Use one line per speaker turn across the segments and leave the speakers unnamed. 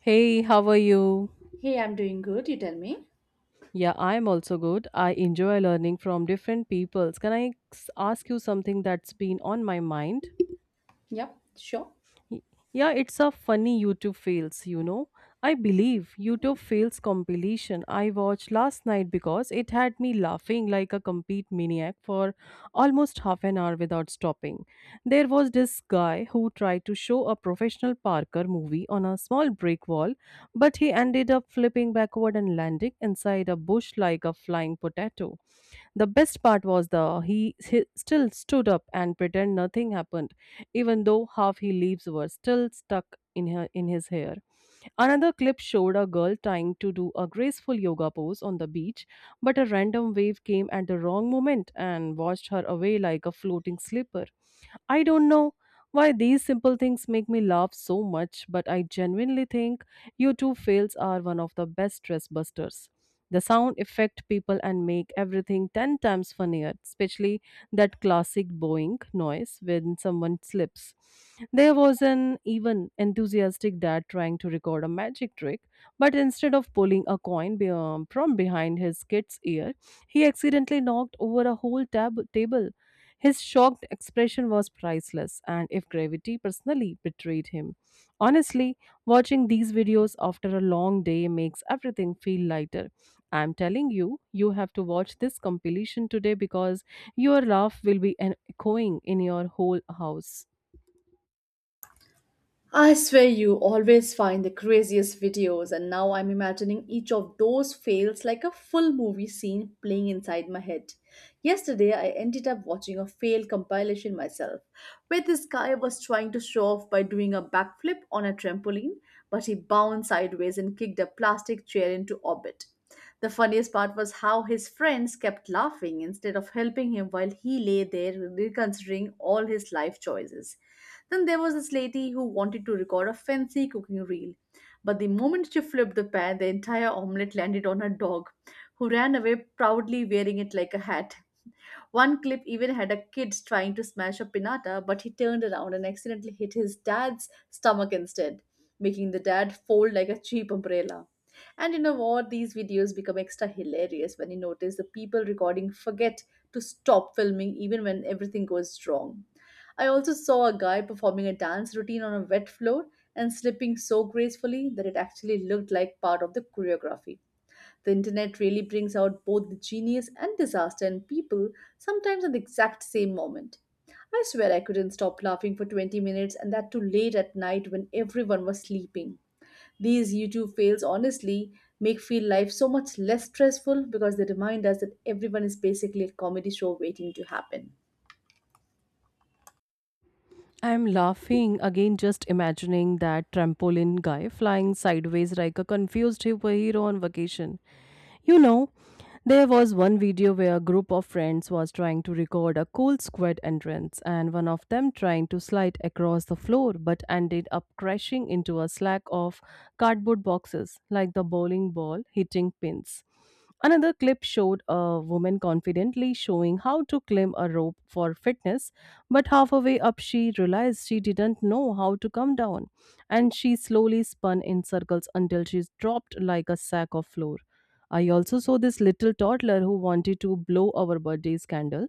Hey, how are you?
Hey, I'm doing good. You tell me.
Yeah, I'm also good. I enjoy learning from different peoples. Can I ask you something that's been on my mind?
Yep, sure.
Y- Yeah, it's a funny YouTube fails, you know. I believe YouTube fails compilation I watched last night because it had me laughing like a complete maniac for almost half an hour without stopping. There was this guy who tried to show a professional Parker movie on a small brick wall, but he ended up flipping backward and landing inside a bush like a flying potato. The best part was he still stood up and pretend nothing happened, even though half his leaves were still stuck in his hair. Another clip showed a girl trying to do a graceful yoga pose on the beach, but a random wave came at the wrong moment and washed her away like a floating slipper. I don't know why these simple things make me laugh so much, but I genuinely think YouTube fails are one of the best stress busters. The sound effect people and make everything 10 times funnier, especially that classic boing noise when someone slips. There was an even enthusiastic dad trying to record a magic trick, but instead of pulling a coin from behind his kid's ear, he accidentally knocked over a whole table. His shocked expression was priceless, and if gravity personally betrayed him. Honestly, watching these videos after a long day makes everything feel lighter. I'm telling you, you have to watch this compilation today because your laugh will be echoing in your whole house.
I swear you always find the craziest videos, and now I'm imagining each of those fails like a full movie scene playing inside my head. Yesterday, I ended up watching a fail compilation myself, where this guy was trying to show off by doing a backflip on a trampoline, but he bounced sideways and kicked a plastic chair into orbit. The funniest part was how his friends kept laughing instead of helping him while he lay there reconsidering all his life choices. Then there was this lady who wanted to record a fancy cooking reel. But the moment she flipped the pan, the entire omelette landed on her dog, who ran away proudly wearing it like a hat. One clip even had a kid trying to smash a pinata, but he turned around and accidentally hit his dad's stomach instead, making the dad fold like a cheap umbrella. And you know what? These videos become extra hilarious when you notice the people recording forget to stop filming even when everything goes wrong. I also saw a guy performing a dance routine on a wet floor and slipping so gracefully that it actually looked like part of the choreography. The internet really brings out both the genius and disaster in people, sometimes at the exact same moment. I swear I couldn't stop laughing for 20 minutes, and that too late at night when everyone was sleeping. These YouTube fails honestly make feel life so much less stressful because they remind us that everyone is basically a comedy show waiting to happen.
I'm laughing again, just imagining that trampoline guy flying sideways like a confused hippo hero on vacation. You know, there was one video where a group of friends was trying to record a cool squid entrance, and one of them trying to slide across the floor but ended up crashing into a slack of cardboard boxes like the bowling ball hitting pins. Another clip showed a woman confidently showing how to climb a rope for fitness, but halfway up, she realized she didn't know how to come down, and she slowly spun in circles until she dropped like a sack of flour. I also saw this little toddler who wanted to blow our birthday candle,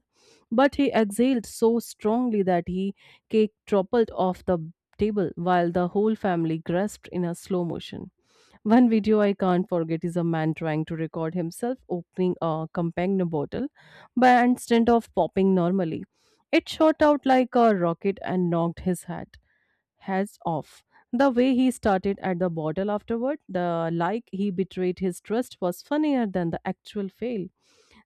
but he exhaled so strongly that he cake toppled off the table while the whole family grasped in a slow motion. One video I can't forget is a man trying to record himself opening a compagnon bottle, but instead of popping normally, it shot out like a rocket and knocked his hat. Heads off. The way he started at the bottle afterward, the like he betrayed his trust was funnier than the actual fail.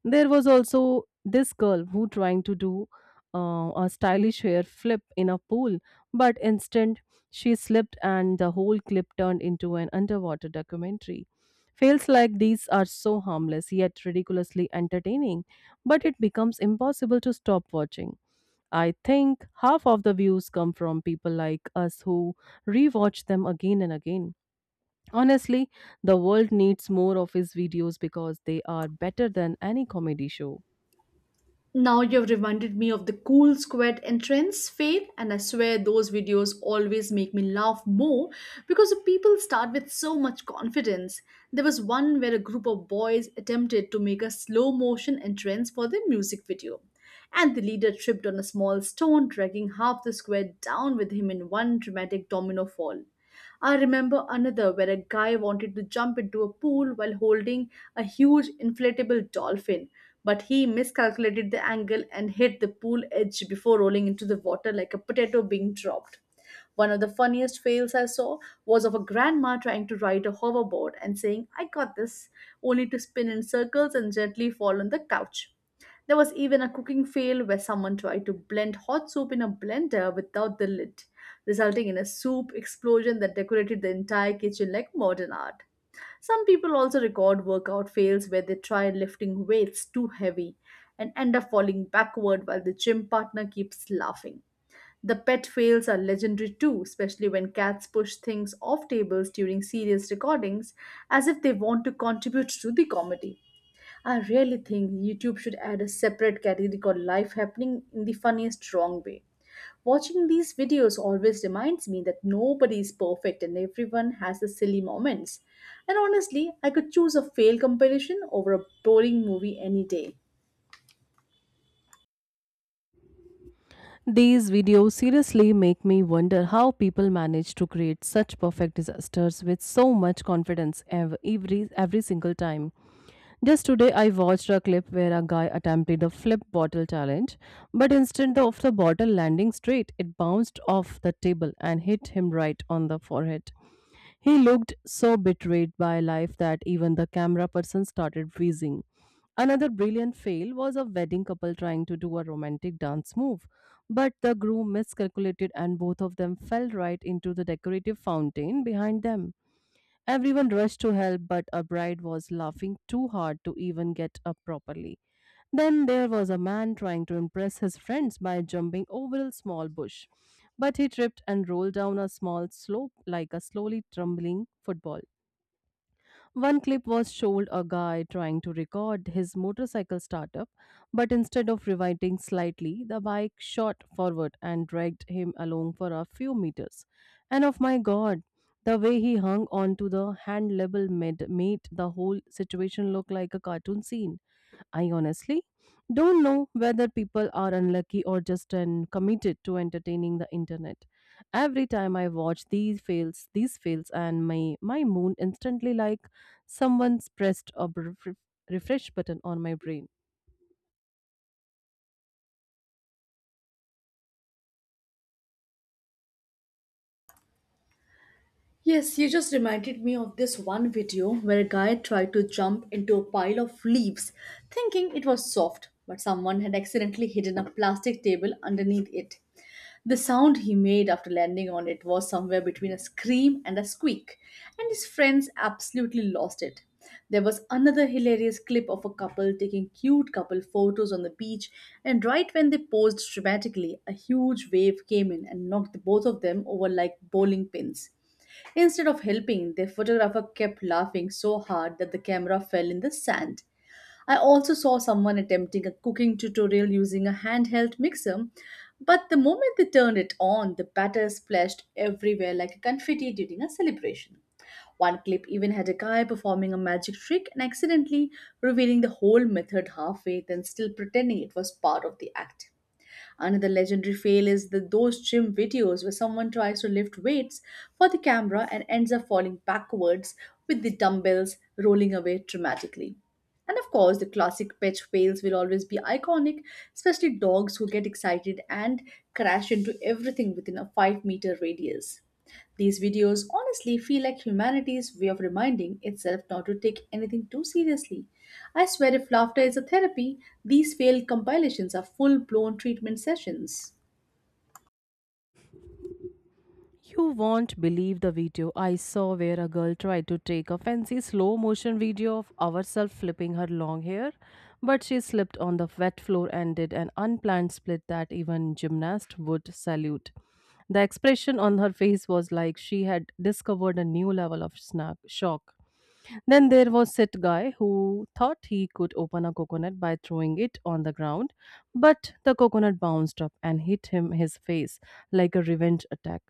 There was also this girl who trying to do a stylish hair flip in a pool, but instant she slipped and the whole clip turned into an underwater documentary. Fails like these are so harmless yet ridiculously entertaining, but it becomes impossible to stop watching. I think half of the views come from people like us who rewatch them again and again. Honestly, the world needs more of his videos because they are better than any comedy show.
Now you've reminded me of the cool squad entrance fail, and I swear those videos always make me laugh more because the people start with so much confidence. There was one where a group of boys attempted to make a slow motion entrance for their music video, and the leader tripped on a small stone, dragging half the squad down with him in one dramatic domino fall. I remember another where a guy wanted to jump into a pool while holding a huge inflatable dolphin, but he miscalculated the angle and hit the pool edge before rolling into the water like a potato being dropped. One of the funniest fails I saw was of a grandma trying to ride a hoverboard and saying, I got this, only to spin in circles and gently fall on the couch. There was even a cooking fail where someone tried to blend hot soup in a blender without the lid, resulting in a soup explosion that decorated the entire kitchen like modern art. Some people also record workout fails where they try lifting weights too heavy and end up falling backward while the gym partner keeps laughing. The pet fails are legendary too, especially when cats push things off tables during serious recordings as if they want to contribute to the comedy. I really think YouTube should add a separate category called life happening in the funniest wrong way. Watching these videos always reminds me that nobody is perfect and everyone has the silly moments. And honestly, I could choose a fail competition over a boring movie any day.
These videos seriously make me wonder how people manage to create such perfect disasters with so much confidence every single time. Just today, I watched a clip where a guy attempted the flip bottle challenge, but instead of the bottle landing straight, it bounced off the table and hit him right on the forehead. He looked so betrayed by life that even the camera person started wheezing. Another brilliant fail was a wedding couple trying to do a romantic dance move, but the groom miscalculated and both of them fell right into the decorative fountain behind them. Everyone rushed to help, but a bride was laughing too hard to even get up properly. Then there was a man trying to impress his friends by jumping over a small bush, but he tripped and rolled down a small slope like a slowly tumbling football. One clip was showed a guy trying to record his motorcycle startup, but instead of rewinding slightly, the bike shot forward and dragged him along for a few meters. And of my god, the way he hung onto the hand level made the whole situation look like a cartoon scene. I honestly don't know whether people are unlucky or just uncommitted to entertaining the internet. Every time I watch these fails, and my moon instantly like someone's pressed a refresh button on my brain.
Yes, you just reminded me of this one video where a guy tried to jump into a pile of leaves thinking it was soft, but someone had accidentally hidden a plastic table underneath it. The sound he made after landing on it was somewhere between a scream and a squeak, and his friends absolutely lost it. There was another hilarious clip of a couple taking cute couple photos on the beach, and right when they posed dramatically, a huge wave came in and knocked both of them over like bowling pins. Instead of helping, the photographer kept laughing so hard that the camera fell in the sand. I also saw someone attempting a cooking tutorial using a handheld mixer, but the moment they turned it on, the batter splashed everywhere like confetti during a celebration. One clip even had a guy performing a magic trick and accidentally revealing the whole method halfway, then still pretending it was part of the act. Another legendary fail is the those gym videos where someone tries to lift weights for the camera and ends up falling backwards with the dumbbells rolling away dramatically. And of course, the classic pet fails will always be iconic, especially dogs who get excited and crash into everything within a 5-meter radius. These videos honestly feel like humanity's way of reminding itself not to take anything too seriously. I swear, if laughter is a therapy, these failed compilations are full blown treatment sessions.
You won't believe the video I saw where a girl tried to take a fancy slow motion video of herself flipping her long hair, but she slipped on the wet floor and did an unplanned split that even gymnast would salute. The expression on her face was like she had discovered a new level of snack shock. Then there was Sit Guy, who thought he could open a coconut by throwing it on the ground, but the coconut bounced up and hit him his face like a revenge attack.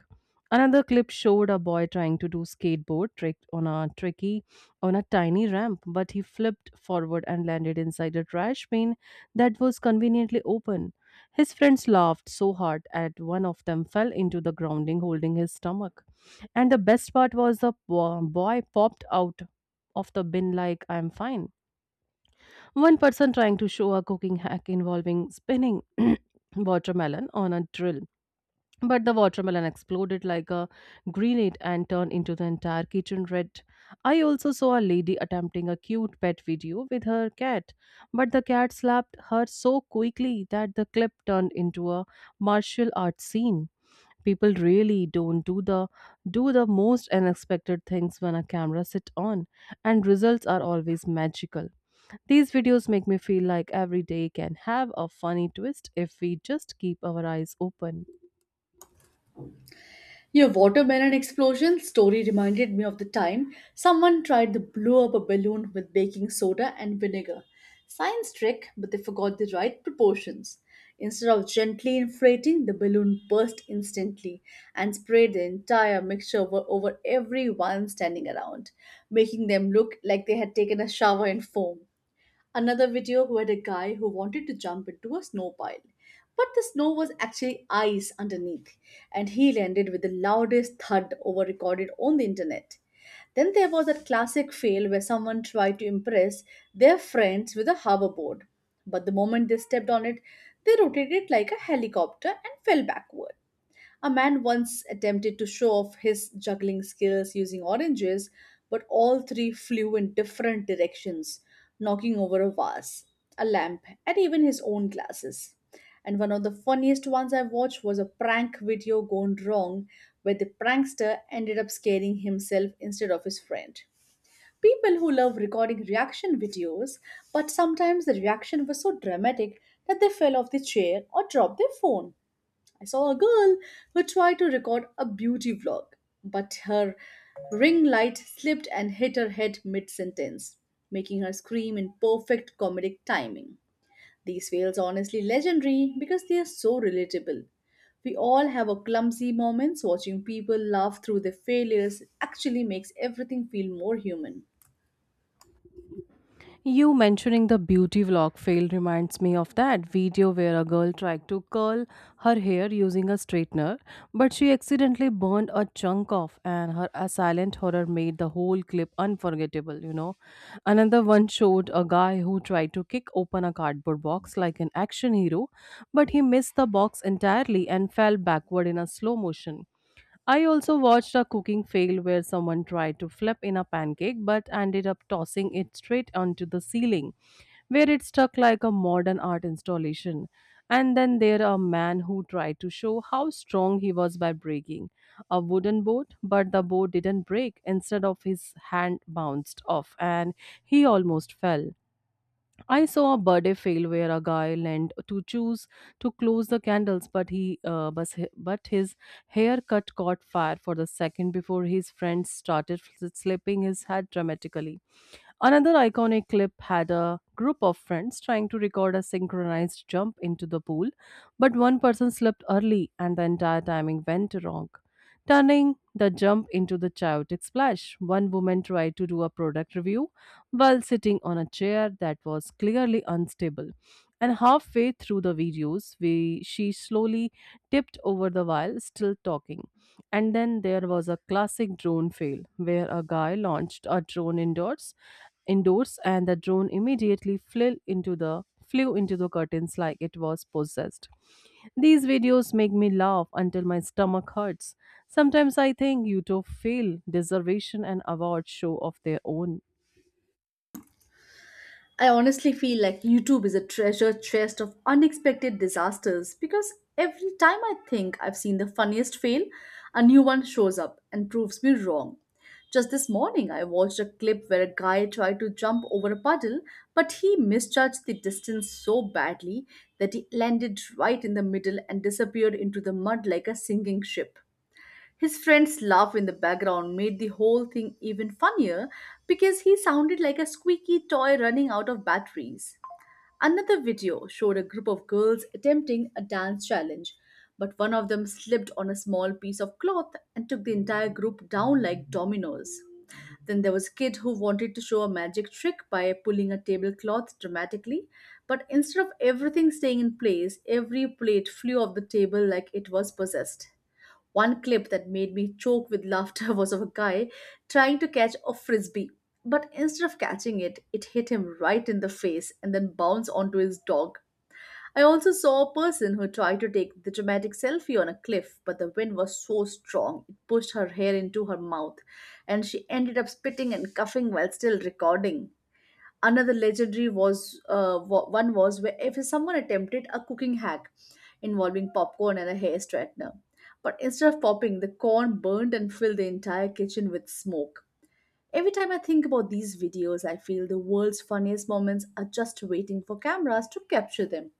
Another clip showed a boy trying to do skateboard trick on a tricky on a tiny ramp, but he flipped forward and landed inside a trash bin that was conveniently open. His friends laughed so hard at one of them fell into the grounding holding his stomach. And the best part was the boy popped out of the bin like I'm fine. One person trying to show a cooking hack involving spinning watermelon on a drill. But the watermelon exploded like a grenade and turned into the entire kitchen red. I also saw a lady attempting a cute pet video with her cat, but the cat slapped her so quickly that the clip turned into a martial arts scene. People really don't do the most unexpected things when a camera sit on and results are always magical. These videos make me feel like every day can have a funny twist if we just keep our eyes open.
Your watermelon explosion story reminded me of the time someone tried to blow up a balloon with baking soda and vinegar. Science trick, but they forgot the right proportions. Instead of gently inflating, the balloon burst instantly and sprayed the entire mixture over everyone standing around, making them look like they had taken a shower in foam. Another video who had a guy who wanted to jump into a snow pile. But the snow was actually ice underneath, and he landed with the loudest thud over recorded on the internet. Then there was that classic fail where someone tried to impress their friends with a hoverboard. But the moment they stepped on it, they rotated like a helicopter and fell backward. A man once attempted to show off his juggling skills using oranges, but all three flew in different directions, knocking over a vase, a lamp, and even his own glasses. And one of the funniest ones I watched was a prank video gone wrong, where the prankster ended up scaring himself instead of his friend. People who love recording reaction videos, but sometimes the reaction was so dramatic that they fell off the chair or dropped their phone. I saw a girl who tried to record a beauty vlog, but her ring light slipped and hit her head mid sentence, making her scream in perfect comedic timing. These fails are honestly legendary because they are so relatable. We all have our clumsy moments. Watching people laugh through their failures actually makes everything feel more human.
You mentioning the beauty vlog fail reminds me of that video where a girl tried to curl her hair using a straightener, but she accidentally burned a chunk off, and her a silent horror made the whole clip unforgettable, you know. Another one showed a guy who tried to kick open a cardboard box like an action hero, but he missed the box entirely and fell backward in a slow motion. I also watched a cooking fail where someone tried to flip in a pancake but ended up tossing it straight onto the ceiling, where it stuck like a modern art installation. And then there a man who tried to show how strong he was by breaking a wooden boat, but the boat didn't break. Instead of his hand bounced off and he almost fell. I saw a birthday fail where a guy leant to choose to close the candles, but he but his haircut caught fire for the second before his friends started slapping his head dramatically. Another iconic clip had a group of friends trying to record a synchronized jump into the pool, but one person slipped early and the entire timing went wrong, turning the jump into the chaotic splash. One woman tried to do a product review while sitting on a chair that was clearly unstable. And halfway through the videos, she slowly tipped over the while still talking. And then there was a classic drone fail where a guy launched a drone indoors and the drone immediately flew into the curtains like it was possessed. These videos make me laugh until my stomach hurts. Sometimes I think YouTube fail deservation and award show of their own.
I honestly feel like YouTube is a treasure chest of unexpected disasters because every time I think I've seen the funniest fail, a new one shows up and proves me wrong. Just this morning, I watched a clip where a guy tried to jump over a puddle, but he misjudged the distance so badly that he landed right in the middle and disappeared into the mud like a sinking ship. His friend's laugh in the background made the whole thing even funnier because he sounded like a squeaky toy running out of batteries. Another video showed a group of girls attempting a dance challenge, but one of them slipped on a small piece of cloth and took the entire group down like dominoes. Then there was a kid who wanted to show a magic trick by pulling a tablecloth dramatically, but instead of everything staying in place, every plate flew off the table like it was possessed. One clip that made me choke with laughter was of a guy trying to catch a frisbee. But instead of catching it, it hit him right in the face and then bounced onto his dog. I also saw a person who tried to take the dramatic selfie on a cliff, but the wind was so strong it pushed her hair into her mouth, and she ended up spitting and coughing while still recording. Another legendary one was where if someone attempted a cooking hack involving popcorn and a hair straightener, but instead of popping, the corn burned and filled the entire kitchen with smoke. Every time I think about these videos, I feel the world's funniest moments are just waiting for cameras to capture them.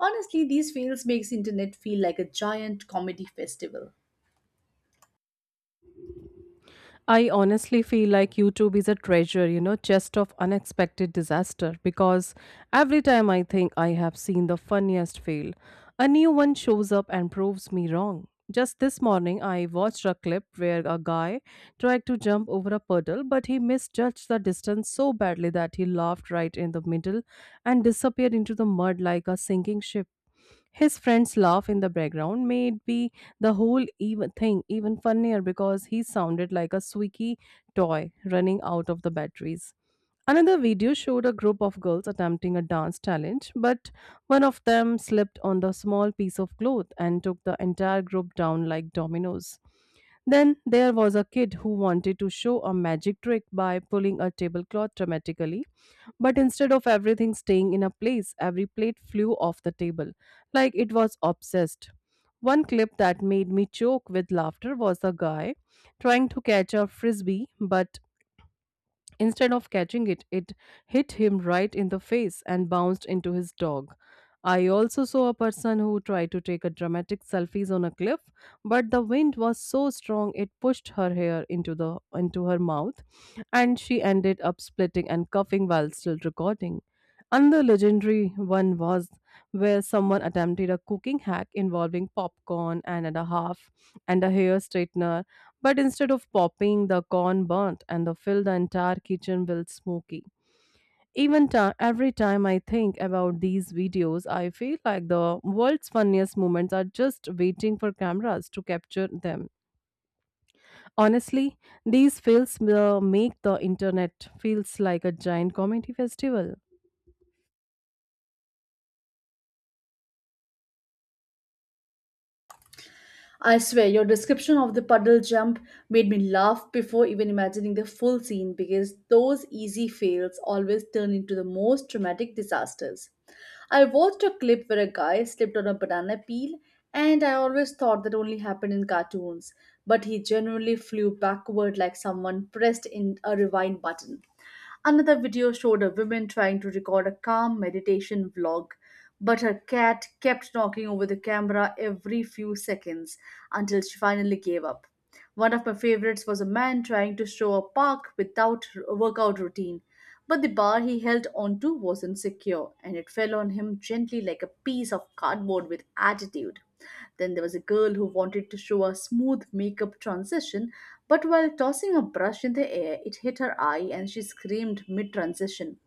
Honestly, these fails makes internet feel like a giant comedy festival.
I honestly feel like YouTube is a treasure, you know, chest of unexpected disaster because every time I think I have seen the funniest fail, a new one shows up and proves me wrong. Just this morning, I watched a clip where a guy tried to jump over a puddle, but he misjudged the distance so badly that he laughed right in the middle and disappeared into the mud like a sinking ship. His friend's laugh in the background made be the whole even thing even funnier because he sounded like a squeaky toy running out of the batteries. Another video showed a group of girls attempting a dance challenge, but one of them slipped on the small piece of cloth and took the entire group down like dominoes. Then there was a kid who wanted to show a magic trick by pulling a tablecloth dramatically, but instead of everything staying in a place, every plate flew off the table, like it was obsessed. One clip that made me choke with laughter was a guy trying to catch a frisbee, but instead of catching it, it hit him right in the face and bounced into his dog. I also saw a person who tried to take a dramatic selfies on a cliff, but the wind was so strong it pushed her hair into her mouth, and she ended up splitting and coughing while still recording. Another legendary one was where someone attempted a cooking hack involving popcorn and a half and a hair straightener, but instead of popping, the corn burnt and the filled the entire kitchen with smoky. Even ti Every time I think about these videos, I feel like the world's funniest moments are just waiting for cameras to capture them. Honestly, these fails make the internet feels like a giant comedy festival.
I swear, your description of the puddle jump made me laugh before even imagining the full scene because those easy fails always turn into the most dramatic disasters. I watched a clip where a guy slipped on a banana peel, and I always thought that only happened in cartoons, but he genuinely flew backward like someone pressed in a rewind button. Another video showed a woman trying to record a calm meditation vlog, but her cat kept knocking over the camera every few seconds until she finally gave up. One of my favorites was a man trying to show a park without a workout routine, but the bar he held onto wasn't secure and it fell on him gently like a piece of cardboard with attitude. Then there was a girl who wanted to show a smooth makeup transition, but while tossing a brush in the air, it hit her eye and she screamed mid transition.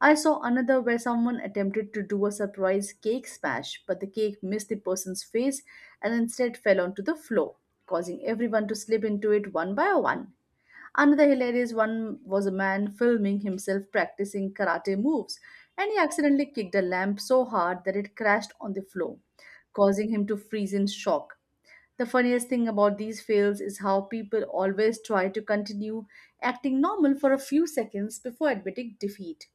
I saw another where someone attempted to do a surprise cake smash, but the cake missed the person's face and instead fell onto the floor, causing everyone to slip into it one by one. Another hilarious one was a man filming himself practicing karate moves, and he accidentally kicked a lamp so hard that it crashed on the floor, causing him to freeze in shock. The funniest thing about these fails is how people always try to continue acting normal for a few seconds before admitting defeat.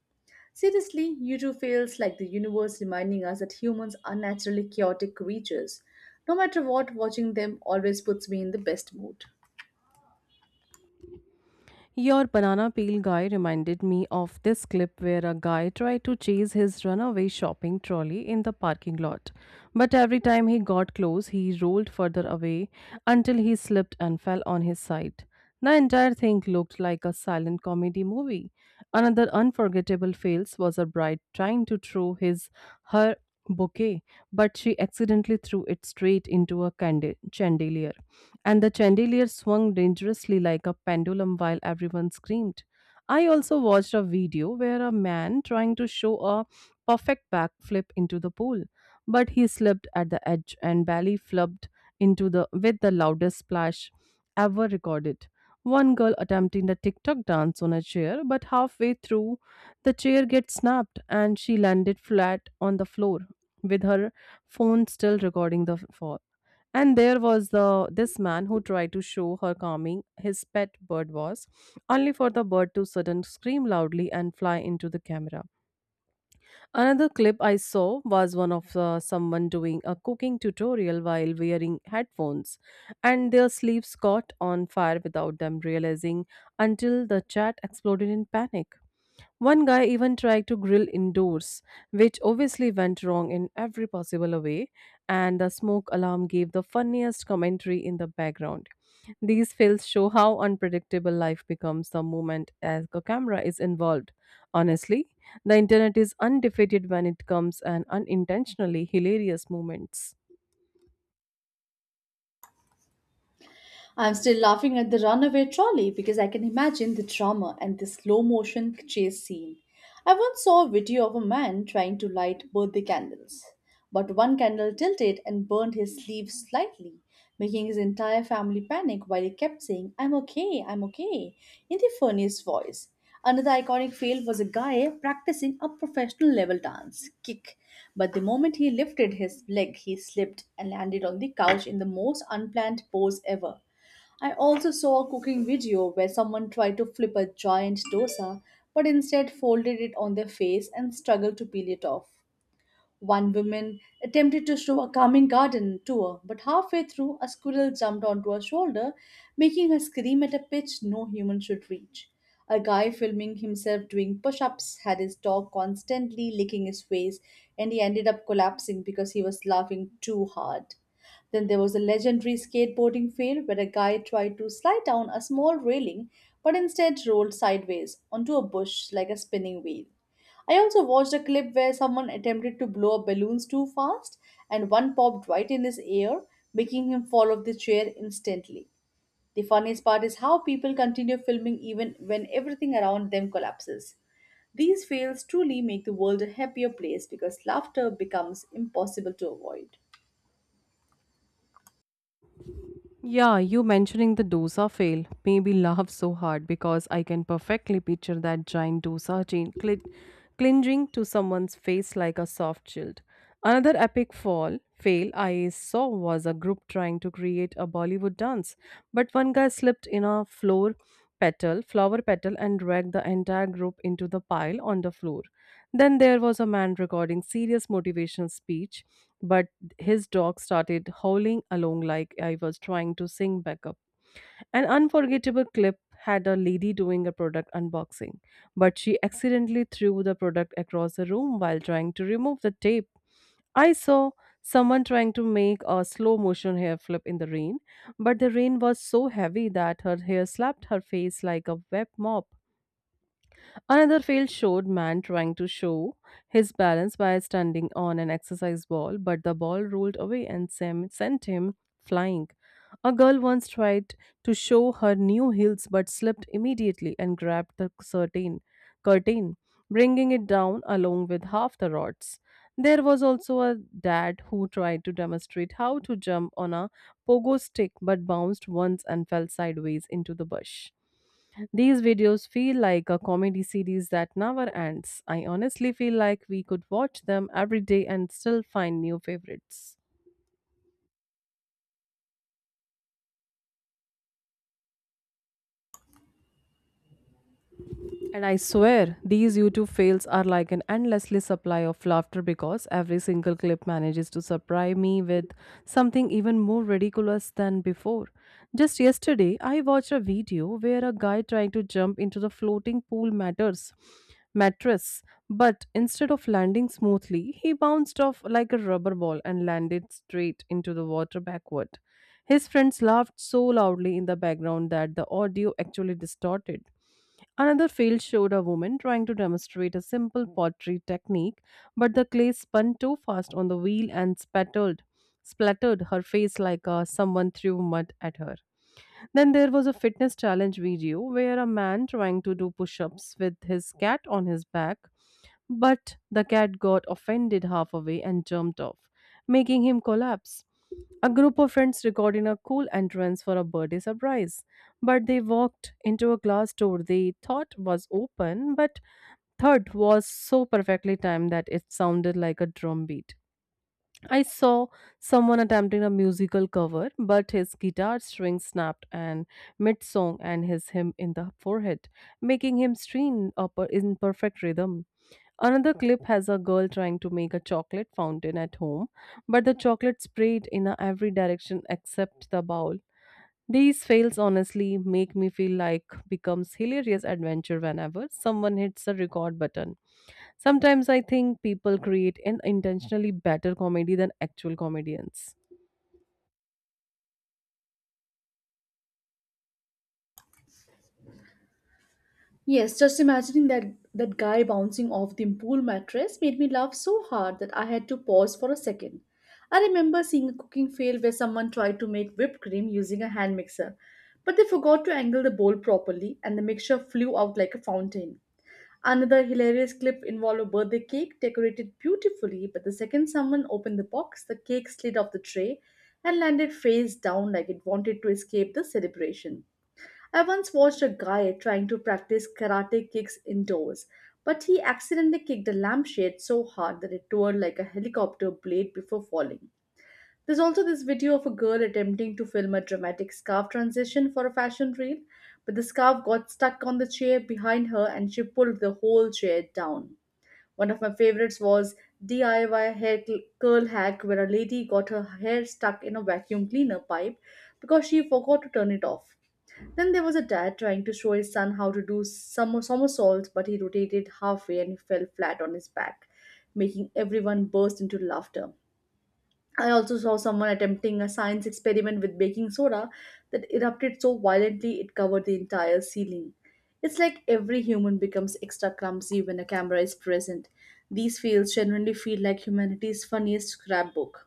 Seriously, YouTube feels like the universe reminding us that humans are naturally chaotic creatures. No matter what, watching them always puts me in the best mood.
Your banana peel guy reminded me of this clip where a guy tried to chase his runaway shopping trolley in the parking lot. But every time he got close, he rolled further away until he slipped and fell on his side. The entire thing looked like a silent comedy movie. Another unforgettable fails was a bride trying to throw his her bouquet, but she accidentally threw it straight into a chandelier, and the chandelier swung dangerously like a pendulum while everyone screamed. I also watched a video where a man trying to show a perfect backflip into the pool, but he slipped at the edge and barely flopped into the with the loudest splash ever recorded. One girl attempting the TikTok dance on a chair, but halfway through, the chair gets snapped and she landed flat on the floor with her phone still recording the fall. And there was the this man who tried to show her calming his pet bird was, only for the bird to suddenly scream loudly and fly into the camera. Another clip I saw was one of someone doing a cooking tutorial while wearing headphones, and their sleeves caught on fire without them realizing until the chat exploded in panic. One guy even tried to grill indoors, which obviously went wrong in every possible way, and the smoke alarm gave the funniest commentary in the background. These fails show how unpredictable life becomes the moment as a camera is involved. Honestly, the internet is undefeated when it comes and unintentionally hilarious moments.
I'm still laughing at the runaway trolley because I can imagine the drama and the slow motion chase scene. I once saw a video of a man trying to light birthday candles, but one candle tilted and burned his sleeve slightly, making his entire family panic while he kept saying, I'm okay, in the funniest voice. Another iconic fail was a guy practicing a professional level dance kick, but the moment he lifted his leg, he slipped and landed on the couch in the most unplanned pose ever. I also saw a cooking video where someone tried to flip a giant dosa but instead folded it on their face and struggled to peel it off. One woman attempted to show a calming garden tour, but halfway through, a squirrel jumped onto her shoulder, making her scream at a pitch no human should reach. A guy filming himself doing push ups had his dog constantly licking his face, and he ended up collapsing because he was laughing too hard. Then there was a legendary skateboarding fail where a guy tried to slide down a small railing but instead rolled sideways onto a bush like a spinning wheel. I also watched a clip where someone attempted to blow up balloons too fast and one popped right in his ear, making him fall off the chair instantly. The funniest part is how people continue filming even when everything around them collapses. These fails truly make the world a happier place because laughter becomes impossible to avoid.
Yeah, you mentioning the dosa fail made me laugh so hard because I can perfectly picture that giant dosa chain clinging to someone's face like a soft shield. Another epic fall fail I saw was a group trying to create a Bollywood dance, but one guy slipped in a floor petal, flower petal, and dragged the entire group into the pile on the floor. Then there was a man recording serious motivational speech, but his dog started howling along like I was trying to sing backup. An unforgettable clip had a lady doing a product unboxing, but she accidentally threw the product across the room while trying to remove the tape. I saw someone trying to make a slow motion hair flip in the rain, but the rain was so heavy that her hair slapped her face like a wet mop. Another fail showed man trying to show his balance by standing on an exercise ball, but the ball rolled away and Sam sent him flying. A girl once tried to show her new heels but slipped immediately and grabbed the curtain, bringing it down along with half the rods. There was also a dad who tried to demonstrate how to jump on a pogo stick but bounced once and fell sideways into the bush. These videos feel like a comedy series that never ends. I honestly feel like we could watch them every day and still find new favorites. And I swear, these YouTube fails are like an endlessly supply of laughter because every single clip manages to surprise me with something even more ridiculous than before. Just yesterday, I watched a video where a guy trying to jump into the floating pool matters mattress, but instead of landing smoothly, he bounced off like a rubber ball and landed straight into the water backward. His friends laughed so loudly in the background that the audio actually distorted. Another field showed a woman trying to demonstrate a simple pottery technique, but the clay spun too fast on the wheel and splattered her face like someone threw mud at her. Then there was a fitness challenge video where a man trying to do push ups with his cat on his back, but the cat got offended halfway and jumped off, making him collapse. A group of friends recorded a cool entrance for a birthday surprise, but they walked into a glass door they thought was open, but third was so perfectly timed that it sounded like a drum beat. I saw someone attempting a musical cover, but his guitar string snapped and mid song and his him in the forehead, making him string up in perfect rhythm. Another clip has a girl trying to make a chocolate fountain at home, but the chocolate sprayed in a every direction except the bowl. These fails honestly make me feel like becomes hilarious adventure whenever someone hits the record button. Sometimes I think people create an intentionally better comedy than actual comedians.
Yes, just imagining that guy bouncing off the pool mattress made me laugh so hard that I had to pause for a second. I remember seeing a cooking fail where someone tried to make whipped cream using a hand mixer, but they forgot to angle the bowl properly and the mixture flew out like a fountain. Another hilarious clip involved a birthday cake decorated beautifully, but the second someone opened the box, the cake slid off the tray and landed face down like it wanted to escape the celebration. I once watched a guy trying to practice karate kicks indoors, but he accidentally kicked a lampshade so hard that it tore like a helicopter blade before falling. There's also this video of a girl attempting to film a dramatic scarf transition for a fashion reel, but the scarf got stuck on the chair behind her and she pulled the whole chair down. One of my favorites was DIY hair curl hack where a lady got her hair stuck in a vacuum cleaner pipe because she forgot to turn it off. Then there was a dad trying to show his son how to do some somersaults, but he rotated halfway and he fell flat on his back, making everyone burst into laughter. I also saw someone attempting a science experiment with baking soda that erupted so violently it covered the entire ceiling. It's like every human becomes extra clumsy when a camera is present. These fails genuinely feel like humanity's funniest scrapbook.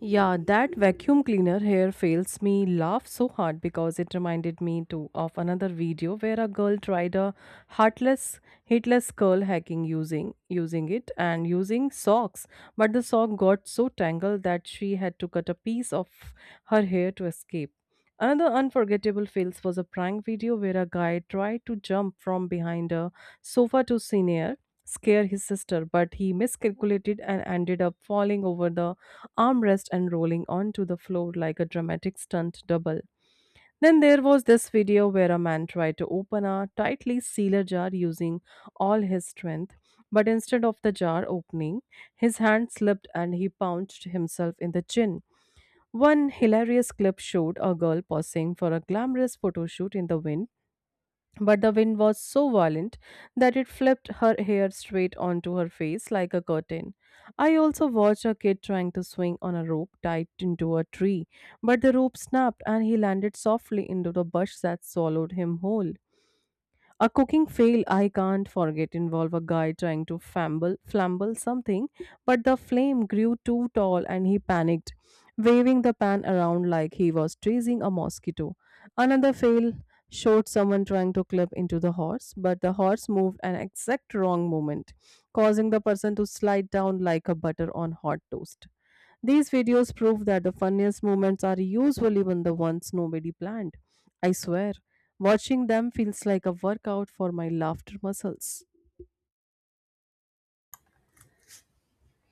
Yeah, that vacuum cleaner hair fails me laugh so hard because it reminded me too of another video where a girl tried a heartless hitless curl hacking using it and using socks, but the sock got so tangled that she had to cut a piece of her hair to escape. Another unforgettable fails was a prank video where a guy tried to jump from behind a sofa to senior scare his sister, but he miscalculated and ended up falling over the armrest and rolling onto the floor like a dramatic stunt double. Then there was this video where a man tried to open a tightly sealed jar using all his strength, but instead of the jar opening, his hand slipped and he punched himself in the chin. One hilarious clip showed a girl posing for a glamorous photo shoot in the wind, but the wind was so violent that it flipped her hair straight onto her face like a curtain. I also watched a kid trying to swing on a rope tied into a tree, but the rope snapped and he landed softly into the bush that swallowed him whole. A cooking fail I can't forget involved a guy trying to flamble something, but the flame grew too tall and he panicked, waving the pan around like he was chasing a mosquito. Another fail showed someone trying to clip into the horse, but the horse moved an exact wrong moment, causing the person to slide down like a butter on hot toast. These videos prove that the funniest moments are usually when the ones nobody planned. I swear, watching them feels like a workout for my laughter muscles.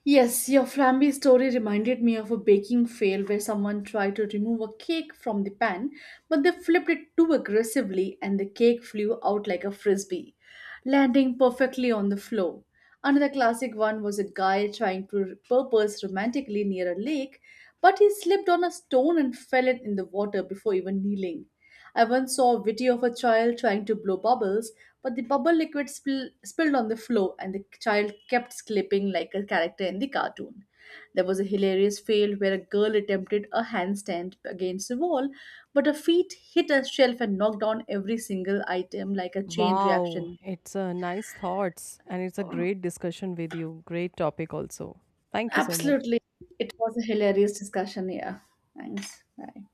Yes, your flamby story reminded me of a baking fail where someone tried to remove a cake from the pan, but they flipped it too aggressively and the cake flew out like a frisbee, landing perfectly on the floor. Another classic one was a guy trying to purpose romantically near a lake, but he slipped on a stone and fell in the water before even kneeling. I once saw a video of a child trying to blow bubbles, but the bubble liquid spilled on the floor and the child kept slipping like a character in the cartoon. There was a hilarious fail where a girl attempted a handstand against the wall, but her feet hit a shelf and knocked down every single item like a chain
Wow,
reaction.
it's a nice thoughts and it's a great discussion with you. Great topic also. Thank you so much.
Absolutely. It was a hilarious discussion. Yeah. Thanks. Bye.